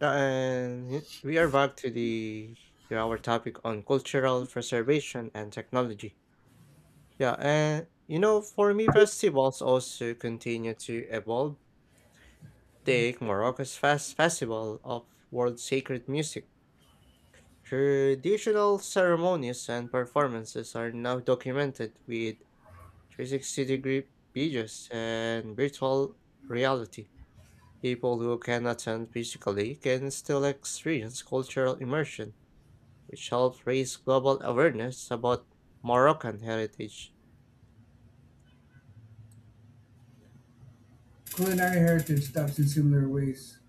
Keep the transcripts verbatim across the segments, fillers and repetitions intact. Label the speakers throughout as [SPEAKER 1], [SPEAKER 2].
[SPEAKER 1] Yeah, and y- we are back to the to our topic on cultural preservation and technology. Yeah, and you know, for me, festivals also continue to evolve. Take Morocco's Fest Festival of World Sacred Music. Traditional ceremonies and performances are now documented with three hundred sixty-degree videos and virtual reality. People who can attend physically can still experience cultural immersion which helped raise global awareness about Moroccan heritage.
[SPEAKER 2] Culinary heritage stops in similar ways.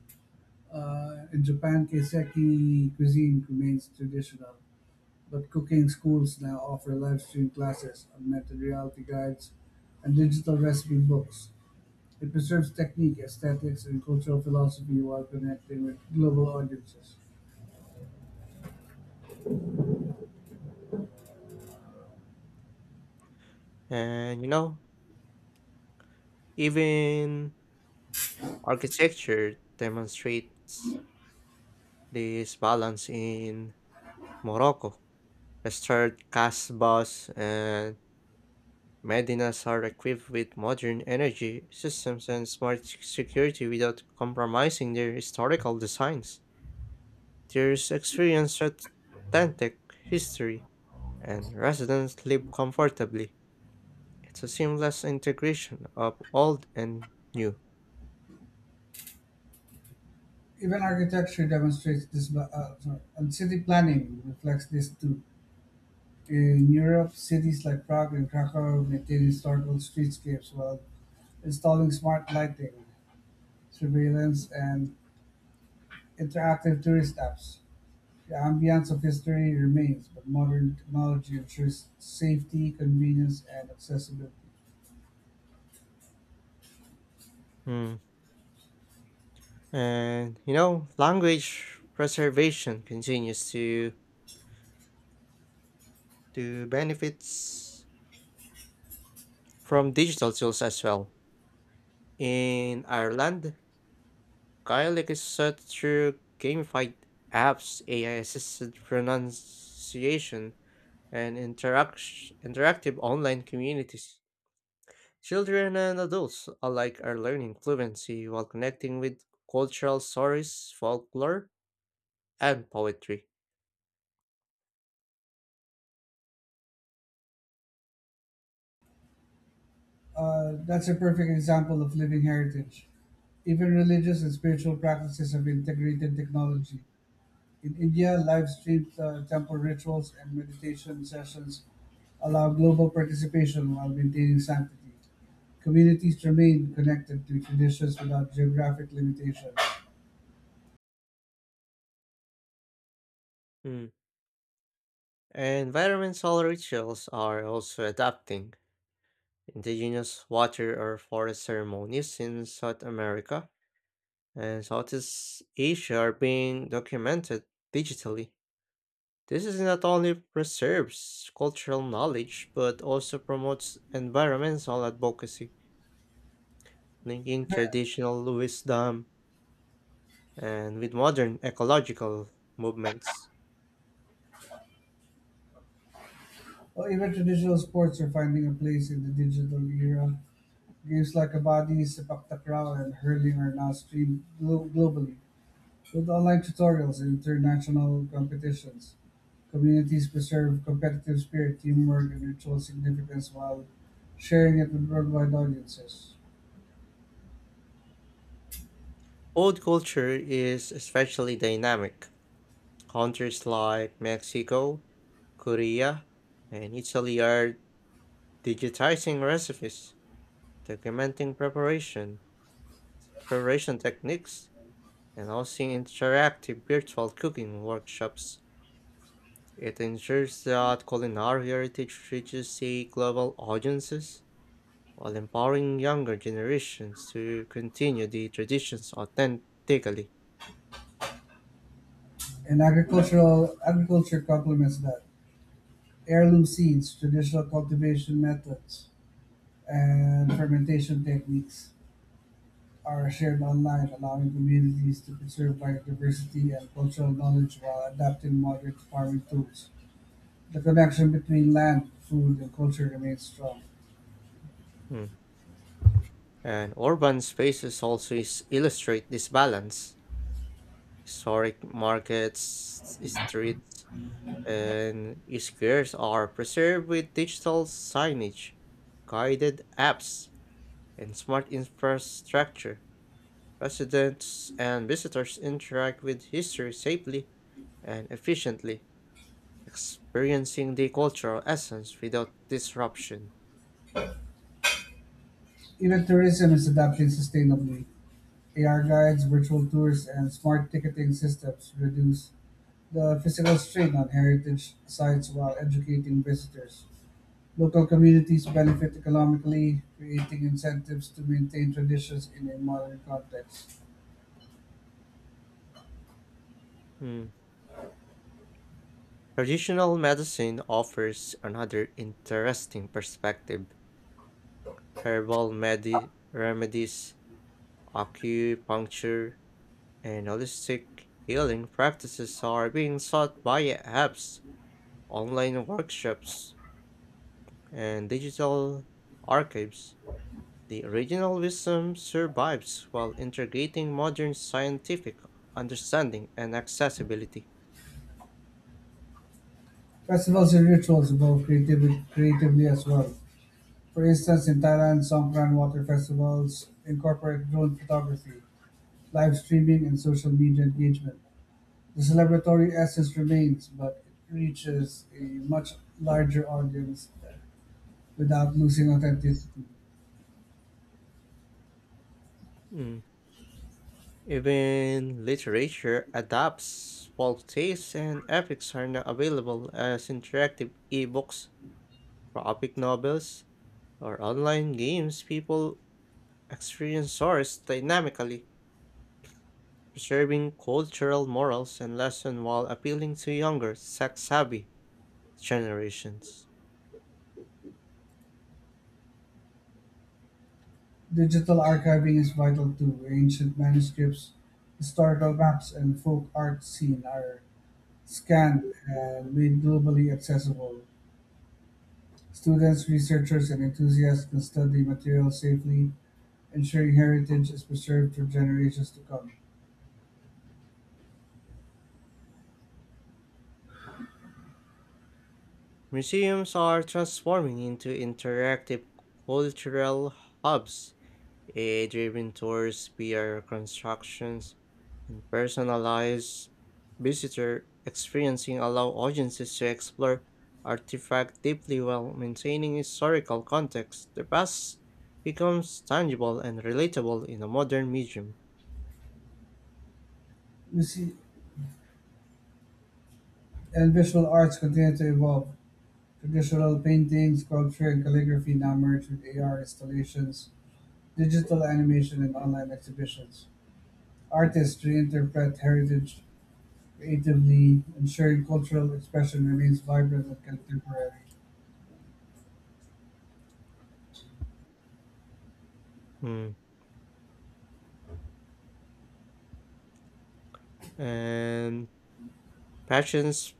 [SPEAKER 2] Uh, in Japan, kaiseki cuisine remains traditional, but cooking schools now offer live stream classes, augmented reality guides, and digital recipe books. It preserves technique, aesthetics, and cultural philosophy while connecting with global audiences.
[SPEAKER 1] And you know, even architecture demonstrates this balance in Morocco. Restored Casbahs and Medinas are equipped with modern energy systems and smart s- security without compromising their historical designs. There's experience at authentic history, and residents live comfortably. It's a seamless integration of old and new.
[SPEAKER 2] Even architecture demonstrates this, ba- uh, sorry, and city planning reflects this too. In Europe, cities like Prague and Krakow maintain historical streetscapes while installing smart lighting, surveillance, and interactive tourist apps. The ambience of history remains, but modern technology ensures safety, convenience, and accessibility.
[SPEAKER 1] Mm. And you know, language preservation continues to to benefits from digital tools as well. In Ireland, Gaelic is taught through gamified apps, A I-assisted pronunciation, and interact- interactive online communities. Children and adults alike are learning fluency while connecting with cultural stories, folklore, and poetry.
[SPEAKER 2] Uh, that's a perfect example of living heritage. Even religious and spiritual practices have integrated technology. In India, live streamed uh, temple rituals and meditation sessions allow global participation while maintaining sanctity. Communities remain connected to traditions without geographic limitation.
[SPEAKER 1] Mm. Environmental rituals are also adapting. Indigenous water or forest ceremonies in South America and Southeast Asia are being documented digitally. This is not only preserves cultural knowledge but also promotes environmental advocacy, linking traditional wisdom and with modern ecological movements.
[SPEAKER 2] Well, even traditional sports are finding a place in the digital era. Games like Kabaddi, Sepak Takraw, and hurling are now streamed glo- globally with online tutorials and international competitions. Communities preserve competitive spirit, teamwork, and ritual significance while sharing it with worldwide audiences.
[SPEAKER 1] Old culture is especially dynamic. Countries like Mexico, Korea, and Italy are digitizing recipes, documenting preparation, preparation techniques, and hosting interactive virtual cooking workshops. It ensures that culinary heritage reaches a global audiences while empowering younger generations to continue the traditions authentically.
[SPEAKER 2] And agricultural agriculture complements that. Heirloom seeds, traditional cultivation methods, and fermentation techniques are shared online, allowing communities to preserve biodiversity and cultural knowledge while adapting modern farming tools. The connection between land, food, and culture remains strong.
[SPEAKER 1] Mm. And urban spaces also is- illustrate this balance. Historic markets, streets, and squares are preserved with digital signage, guided apps, and smart infrastructure. Residents and visitors interact with history safely and efficiently, experiencing the cultural essence without disruption.
[SPEAKER 2] Even tourism is adapting sustainably. A R guides, virtual tours, and smart ticketing systems reduce the physical strain on heritage sites while educating visitors. Local communities benefit economically, creating incentives to maintain traditions in a modern context.
[SPEAKER 1] Hmm. Traditional medicine offers another interesting perspective. Herbal medi- remedies acupuncture, and holistic healing practices are being sought by apps, online workshops, and digital archives. The original wisdom survives while integrating modern scientific understanding and accessibility.
[SPEAKER 2] Festivals and rituals evolve creativ- creatively as well. For instance, in Thailand, Songkran water festivals incorporate drone photography, live streaming, and social media engagement. The celebratory essence remains, but it reaches a much larger audience without losing authenticity.
[SPEAKER 1] Mm. Even literature adapts folk tales and epics are now available as interactive ebooks, graphic novels, or online games people Experience source dynamically, preserving cultural morals and lessons while appealing to younger, sex-savvy generations.
[SPEAKER 2] Digital archiving is vital too. Ancient manuscripts, historical maps, and folk art scene are scanned and made globally accessible. Students, researchers, and enthusiasts can study material safely, ensuring heritage is preserved for generations to come.
[SPEAKER 1] Museums are transforming into interactive cultural hubs. A I-driven tours, V R constructions, and personalized visitor experiencing allow audiences to explore artifact deeply while maintaining historical context. The past becomes tangible and relatable in a modern medium.
[SPEAKER 2] Muse- and visual arts continue to evolve. Traditional painting, sculpture, and calligraphy now merge with A R installations, digital animation, and online exhibitions. Artists reinterpret heritage creatively, ensuring cultural expression remains vibrant and contemporary.
[SPEAKER 1] Mm. And Passions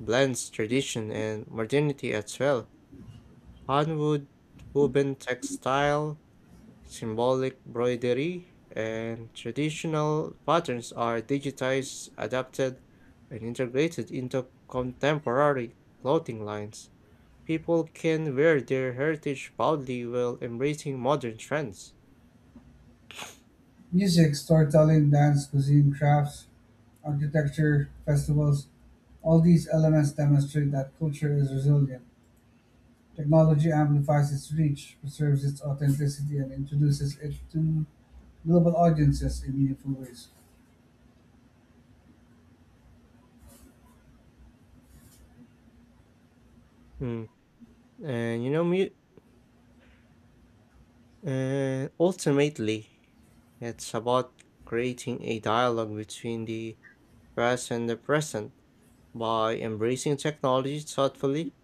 [SPEAKER 1] blends tradition and modernity as well. Hanwood woven textile Symbolic broidery and traditional patterns are digitized, adapted, and integrated into contemporary clothing lines. People can wear their heritage proudly while embracing modern trends.
[SPEAKER 2] Music, storytelling, dance, cuisine, crafts, architecture, festivals — all these elements demonstrate that culture is resilient; technology amplifies its reach, preserves its authenticity, and introduces it to global audiences in meaningful ways.
[SPEAKER 1] Mm. And you know, mu- uh, ultimately, it's about creating a dialogue between the past and the present by embracing technology thoughtfully.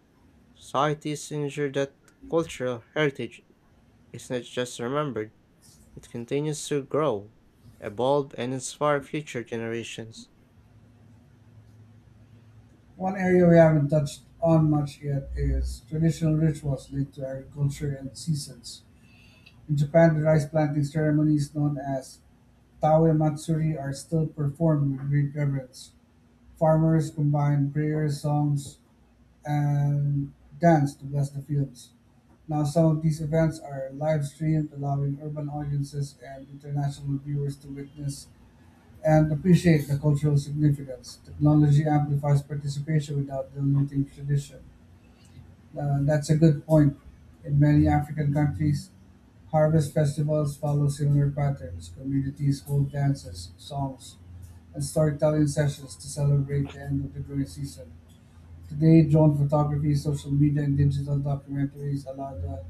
[SPEAKER 1] Societies ensure that cultural heritage is not just remembered, it continues to grow, evolve, and inspire future generations.
[SPEAKER 2] One area we haven't touched on much yet is traditional rituals linked to agriculture and seasons. In Japan, the rice planting ceremonies known as Tawe Matsuri are still performed with great reverence. Farmers combine prayers, songs, and dance to bless the fields. Now some of these events are live streamed, allowing urban audiences and international viewers to witness and appreciate the cultural significance. Technology amplifies participation without diluting tradition. Uh, that's a good point. In many African countries, harvest festivals follow similar patterns. Communities hold dances, songs, and storytelling sessions to celebrate the end of the growing season. Today, drone photography, social media, and digital documentaries allow the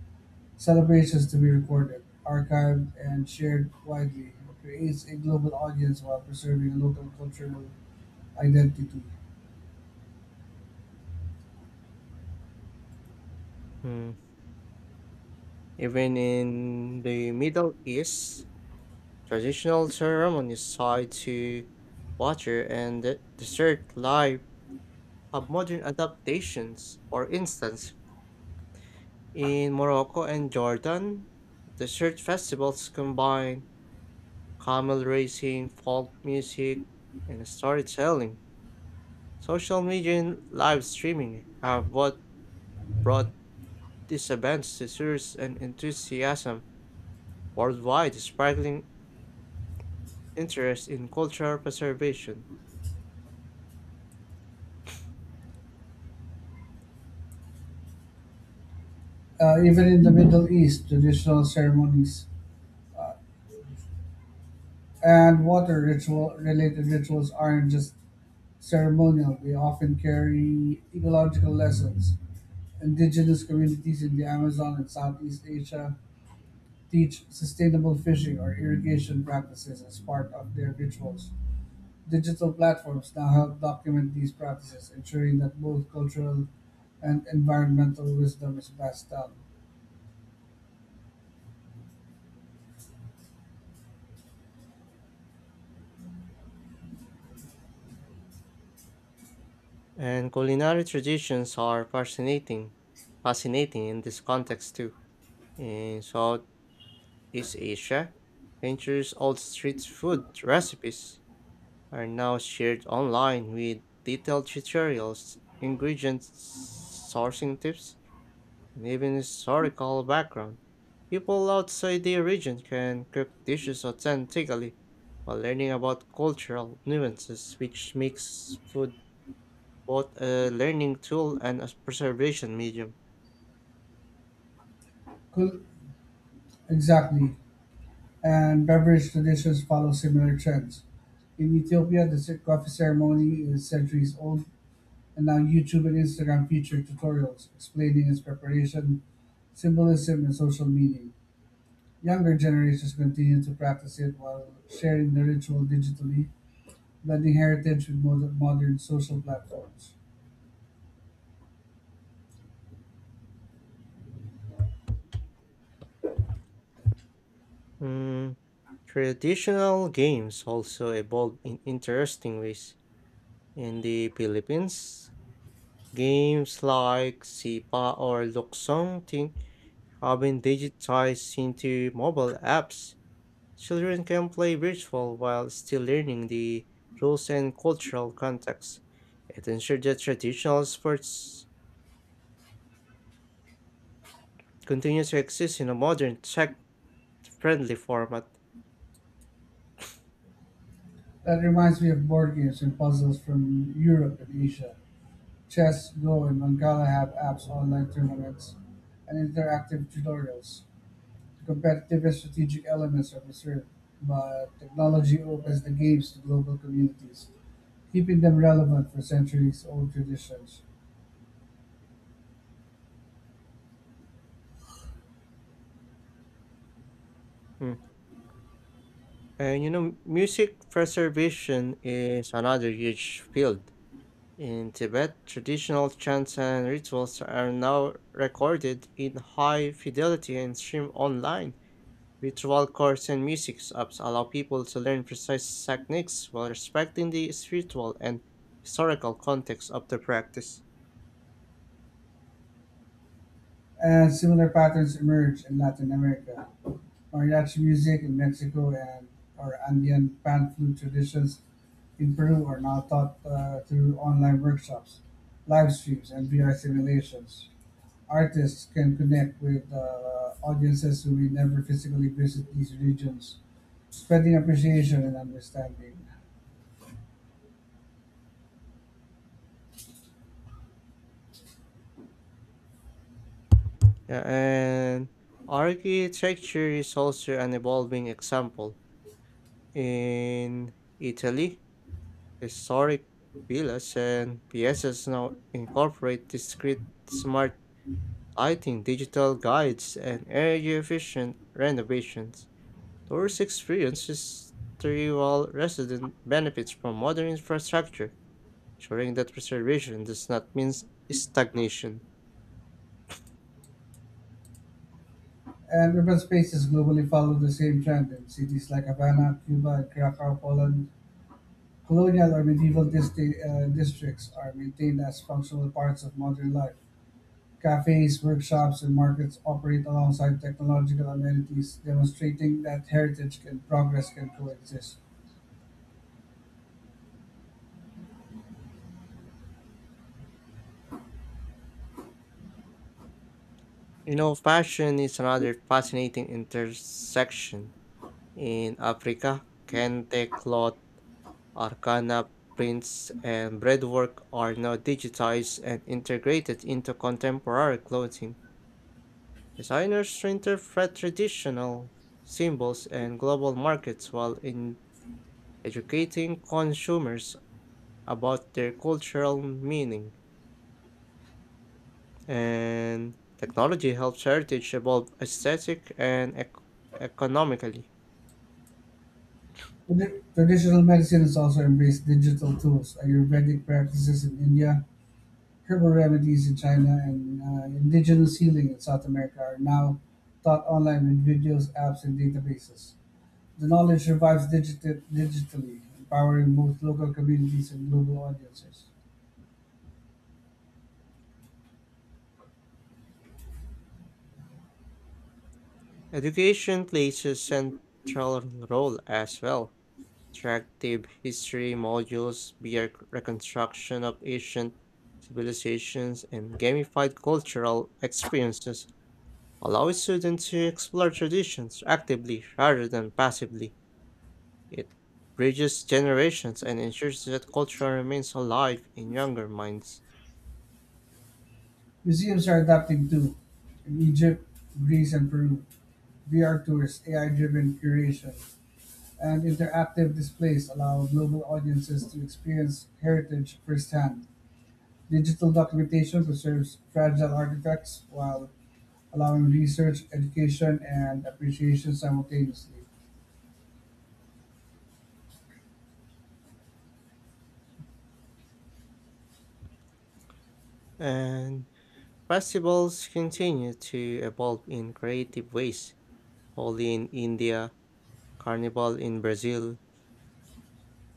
[SPEAKER 2] celebrations to be recorded, archived, and shared widely. It creates a global audience while preserving a local cultural identity.
[SPEAKER 1] Hmm. Even in the Middle East, traditional ceremonies tied to water and the desert life have modern adaptations. For instance, in Morocco and Jordan, desert festivals combine camel racing, folk music, and storytelling. Social media and live streaming have both brought these events to tourists and enthusiasm worldwide, sparkling interest in cultural preservation.
[SPEAKER 2] Uh, even in the Middle East, traditional ceremonies uh, and water ritual related rituals aren't just ceremonial, they often carry ecological lessons. Indigenous communities in the Amazon and Southeast Asia teach sustainable fishing or irrigation practices as part of their rituals. Digital platforms now help document these practices, ensuring that both cultural and environmental wisdom is passed down.
[SPEAKER 1] And culinary traditions are fascinating, fascinating in this context too. In Southeast Asia, centuries-old street food recipes are now shared online with detailed tutorials, ingredient sourcing tips, and even historical background. People outside their region can cook dishes authentically while learning about cultural nuances, which makes food both a learning tool and a preservation medium.
[SPEAKER 2] Cul- exactly. And beverage traditions follow similar trends. In Ethiopia, the cer- coffee ceremony is centuries old, and now YouTube and Instagram feature tutorials explaining its preparation, symbolism, and social meaning. Younger generations continue to practice it while sharing the ritual digitally, blending heritage with mod- modern social platforms.
[SPEAKER 1] Mm, traditional games also evolve in interesting ways. In the Philippines, games like Sipa or Luksong Ting have been digitized into mobile apps. Children can play virtual while still learning the rules and cultural context. It ensures that traditional sports continue to exist in a modern tech-friendly format.
[SPEAKER 2] That reminds me of board games and puzzles from Europe and Asia. Chess, Go, and Mangala have apps, online tournaments, and interactive tutorials. The competitive and strategic elements are preserved, but technology opens the games to global communities, keeping them relevant for centuries old traditions.
[SPEAKER 1] Mm. And you know, music preservation is another huge field. In Tibet, traditional chants and rituals are now recorded in high fidelity and streamed online. Ritual courts and music apps allow people to learn precise techniques while respecting the spiritual and historical context of the practice.
[SPEAKER 2] And similar patterns emerge in Latin America. Mariachi music in Mexico and our Andean pan flute traditions in Peru are now taught uh, through online workshops, live streams, and V R simulations. Artists can connect with uh, audiences who may never physically visit these regions, spreading appreciation and understanding.
[SPEAKER 1] Yeah, and architecture is also an evolving example. In Italy, historic villas and piazzas now incorporate discrete smart lighting, digital guides, and energy efficient renovations. Tourist experience history while resident benefits from modern infrastructure, ensuring that preservation does not mean s- stagnation.
[SPEAKER 2] And urban spaces globally follow the same trend in cities like Havana, Cuba, and Krakow, Poland. Colonial or medieval disti- uh, districts are maintained as functional parts of modern life. Cafes, workshops, and markets operate alongside technological amenities, demonstrating that heritage and progress can coexist.
[SPEAKER 1] You know, fashion is another fascinating intersection. In Africa, kente cloth, arcana prints, and breadwork are now digitized and integrated into contemporary clothing. Designers reinterpret traditional symbols and global markets while in educating consumers about their cultural meaning, and technology helps heritage evolve aesthetic and ec- economically.
[SPEAKER 2] Tradi- Traditional medicine has also embraced digital tools. Ayurvedic practices in India, herbal remedies in China, and uh, indigenous healing in South America are now taught online with videos, apps, and databases. The knowledge survives digiti- digitally, empowering both local communities and global audiences.
[SPEAKER 1] Education plays a central role as well. Interactive history modules, beer reconstruction of ancient civilizations, and gamified cultural experiences allow students to explore traditions actively rather than passively. It bridges generations and ensures that culture remains alive in younger minds.
[SPEAKER 2] Museums are adapting too. In Egypt, Greece, and Peru, V R Tour's A I-driven curation and interactive displays allow global audiences to experience heritage firsthand. Digital documentation preserves fragile artifacts while allowing research, education, and appreciation simultaneously.
[SPEAKER 1] And festivals continue to evolve in creative ways. Holi in India, Carnival in Brazil,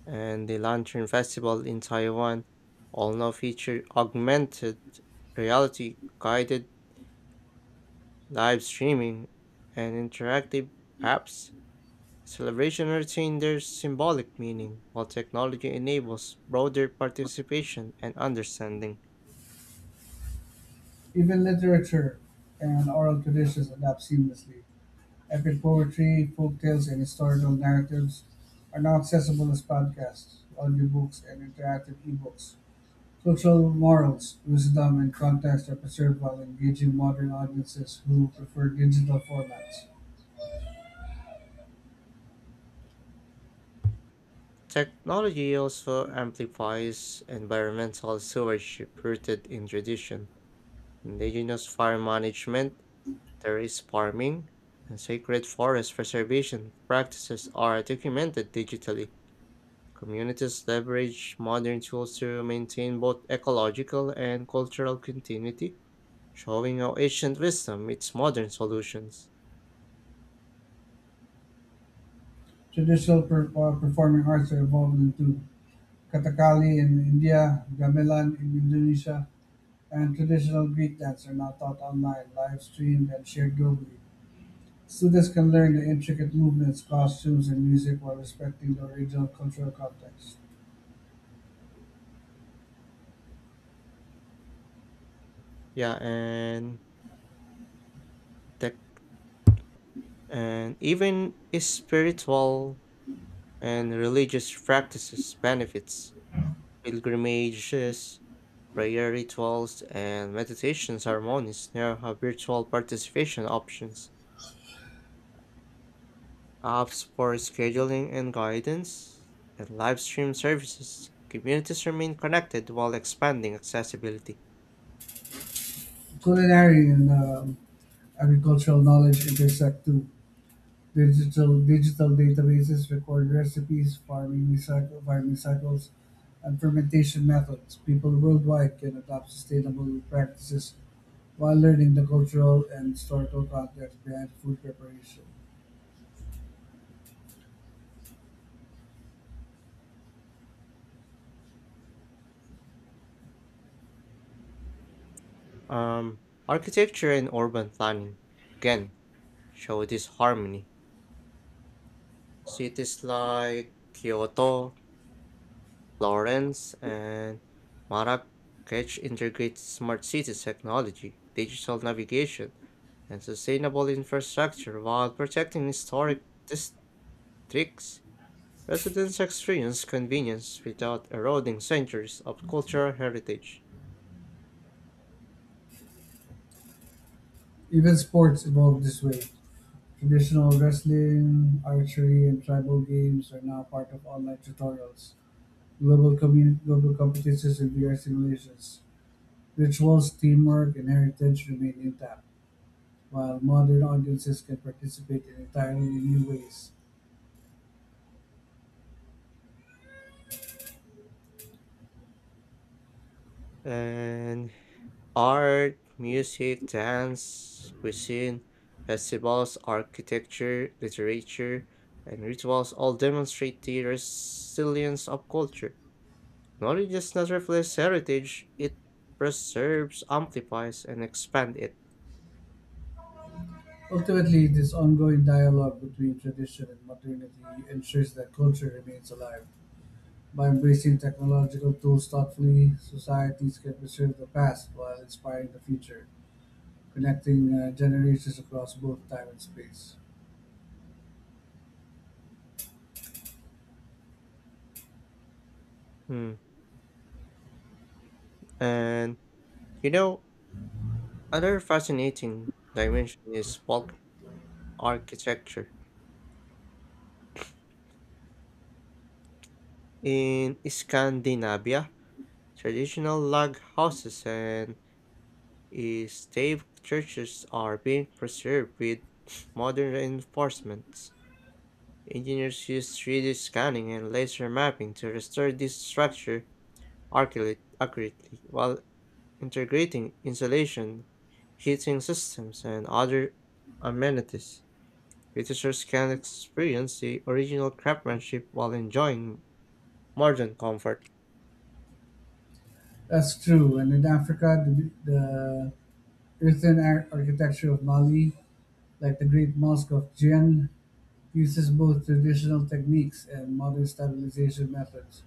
[SPEAKER 1] and the Lantern Festival in Taiwan all now feature augmented reality, guided live streaming, and interactive apps. Celebration retains their symbolic meaning, while technology enables broader participation and understanding.
[SPEAKER 2] Even literature and oral traditions adapt seamlessly. Epic poetry, folk tales, and historical narratives are now accessible as podcasts, audiobooks, and interactive ebooks. Social morals, wisdom, and context are preserved while engaging modern audiences who prefer digital formats.
[SPEAKER 1] Technology also amplifies environmental stewardship rooted in tradition, indigenous fire management, terrace farming, and sacred forest preservation practices are documented digitally. Communities leverage modern tools to maintain both ecological and cultural continuity showing how ancient wisdom meets modern solutions.
[SPEAKER 2] Traditional per- uh, performing arts are evolved into Kathakali in India, gamelan in Indonesia, and traditional Greek dance are now taught online, live streamed, and shared globally. Students can learn the intricate movements, costumes, and music while respecting the original cultural context.
[SPEAKER 1] Yeah, and tech and even spiritual and religious practices benefits. Pilgrimages, prayer rituals, and meditation ceremonies now have virtual participation options, apps for scheduling and guidance, and live stream services. Communities remain connected while expanding accessibility.
[SPEAKER 2] Culinary and um, agricultural knowledge intersect too. Digital digital databases record recipes, farming recycle, farming cycles, and fermentation methods. People worldwide can adopt sustainable practices while learning the cultural and historical context behind food preparation.
[SPEAKER 1] Um, Architecture and urban planning. Again, show this harmony. Cities like Kyoto, Florence, and Marrakech integrate smart city technology, digital navigation, and sustainable infrastructure while protecting historic districts. Residents experience convenience without eroding centuries of cultural heritage.
[SPEAKER 2] Even sports evolved this way. Traditional wrestling, archery, and tribal games are now part of online tutorials, global, commun- global competitions, and V R simulations. Rituals, teamwork, and heritage remain intact, while modern audiences can participate in entirely new ways.
[SPEAKER 1] And Art, music, dance, cuisine, festivals, architecture, literature, and rituals all demonstrate the resilience of culture. Knowledge does not reflect heritage, it preserves, amplifies, and expands it.
[SPEAKER 2] Ultimately, this ongoing dialogue between tradition and modernity ensures that culture remains alive. By embracing technological tools thoughtfully, societies can preserve the past while inspiring the future, connecting uh, generations across both time and space.
[SPEAKER 1] Hmm. And you know, another fascinating dimension is folk architecture. In Scandinavia, traditional log houses and Eh, stave churches are being preserved with modern reinforcements. Engineers use three D scanning and laser mapping to restore this structure accurately, accurately while integrating insulation, heating systems, and other amenities. Visitors can experience the original craftsmanship while enjoying modern comfort.
[SPEAKER 2] That's true. And in Africa, the, the earthen ar- architecture of Mali, like the Great Mosque of Djinn, uses both traditional techniques and modern stabilization methods.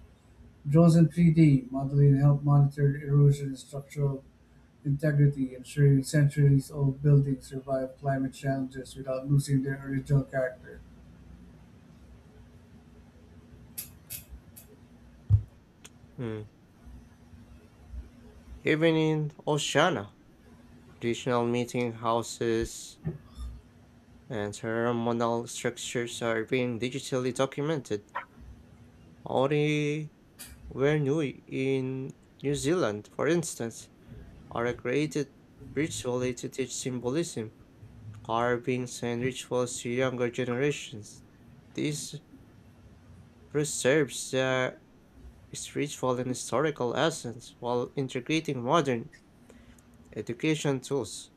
[SPEAKER 2] Draws and three-D modeling help monitor erosion and structural integrity, ensuring centuries-old buildings survive climate challenges without losing their original character.
[SPEAKER 1] Mm. Even in Oceana, traditional meeting houses and ceremonial structures are being digitally documented. Maori were Nui in New Zealand, for instance, are created ritually to teach symbolism, carvings, and rituals to younger generations. This preserves their spiritual and historical essence while integrating modern education tools.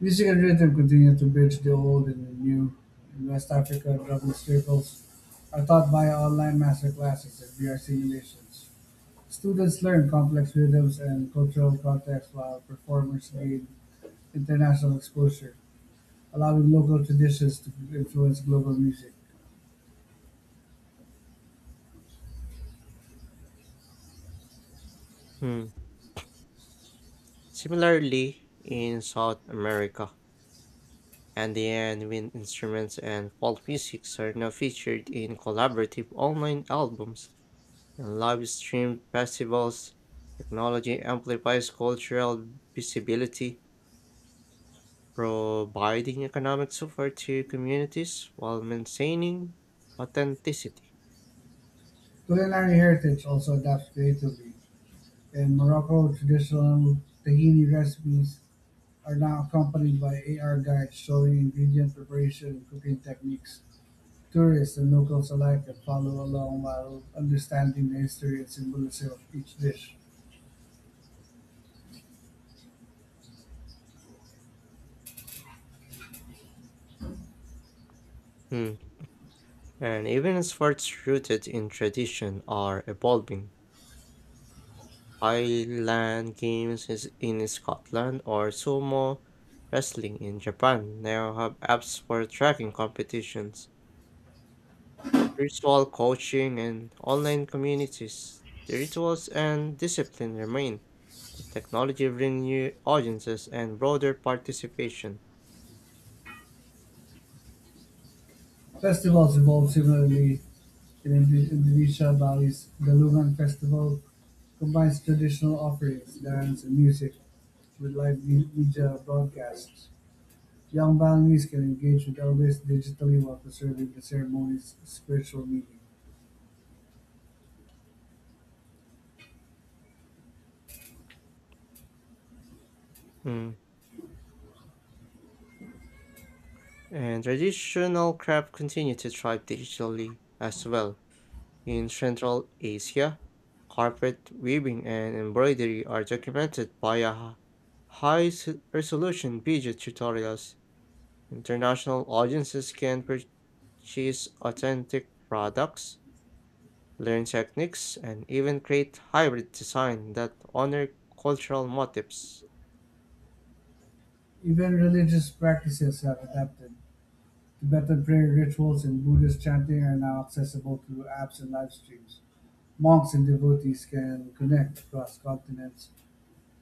[SPEAKER 2] Music and rhythm continue to bridge the old and the new. In West Africa, drumming circles are taught via online master classes and V R simulations. Students learn complex rhythms and cultural contexts while performers gain international exposure, allowing local traditions to influence global music.
[SPEAKER 1] Hmm. Similarly, in South America, and the end wind instruments and folk physics are now featured in collaborative online albums and live streamed festivals. Technology amplifies cultural visibility, providing economic support to communities while maintaining authenticity.
[SPEAKER 2] Culinary heritage also adapts creatively. In Morocco, traditional tahini recipes are now accompanied by A R guides showing ingredient preparation and cooking techniques. Tourists and locals alike can follow along while understanding the history and symbolism of each dish.
[SPEAKER 1] Mm. And even sports rooted in tradition are evolving. Highland Games is in Scotland or sumo wrestling in Japan now have apps for tracking competitions, virtual coaching, and online communities. The rituals and discipline remain, but technology brings new audiences and broader participation.
[SPEAKER 2] Festivals evolved similarly in Indonesia. Bali's Galungan Festival combines traditional offerings, dance, and music with live me- media broadcasts. Young Balinese can engage with elders digitally while preserving the ceremony's spiritual meaning.
[SPEAKER 1] Mm. And traditional craft continue to thrive digitally as well. In Central Asia, carpet weaving and embroidery are documented via high-resolution video tutorials. International audiences can purchase authentic products, learn techniques, and even create hybrid design that honor cultural motifs.
[SPEAKER 2] Even religious practices have adapted. Tibetan prayer rituals and Buddhist chanting are now accessible through apps and live streams. Monks and devotees can connect across continents,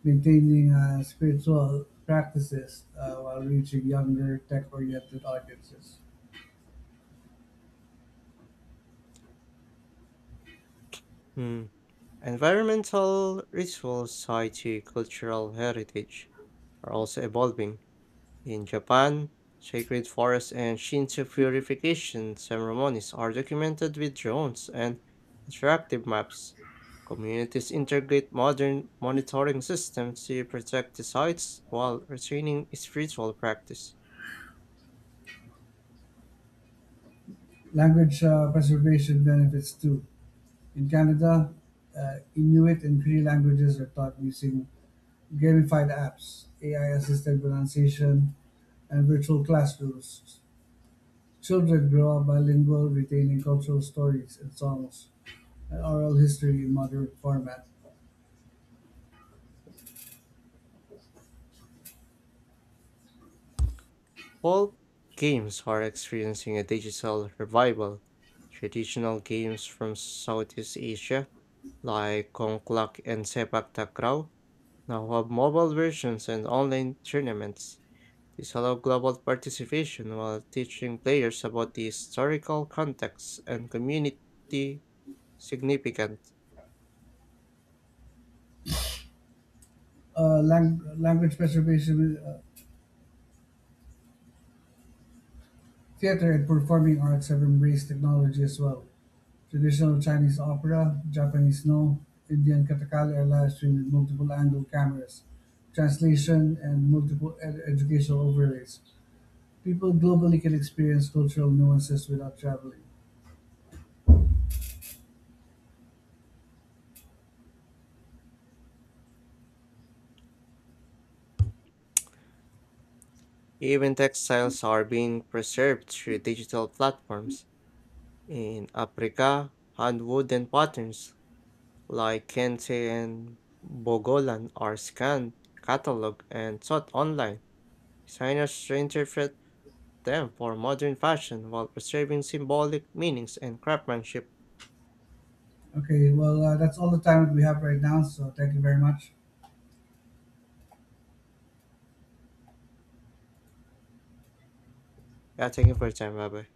[SPEAKER 2] maintaining uh, spiritual practices uh, while reaching younger, tech-oriented audiences.
[SPEAKER 1] Hmm, Environmental rituals tied to cultural heritage are also evolving. In Japan, sacred forests and Shinto purification ceremonies are documented with drones and interactive maps. Communities integrate modern monitoring systems to protect the sites while retaining spiritual practice.
[SPEAKER 2] Language uh, preservation benefits too. In Canada, uh, Inuit and Cree languages are taught using gamified apps, A I-assisted pronunciation, and virtual classrooms. Children grow up bilingual, retaining cultural stories and songs and oral history in modern format.
[SPEAKER 1] All games are experiencing a digital revival. Traditional games from Southeast Asia, like Kongklak and Sepak Takraw, now have mobile versions and online tournaments. This allows global participation while teaching players about the historical context and community significance.
[SPEAKER 2] Uh, lang- language preservation. Uh, Theatre and performing arts have embraced technology as well. Traditional Chinese opera, Japanese no, Indian katakali are live streamed with multiple angle cameras, translation, and multiple ed- educational overlays. People globally can experience cultural nuances without traveling.
[SPEAKER 1] Even textiles are being preserved through digital platforms. In Africa, hand woven patterns like kente and bogolan are scanned, cataloged, and taught online. Designers reinterpret them for modern fashion while preserving symbolic meanings and craftsmanship.
[SPEAKER 2] Okay, well, uh, that's all the time that we have right now, so thank you very much.
[SPEAKER 1] Yeah, thank you for your time. Bye bye.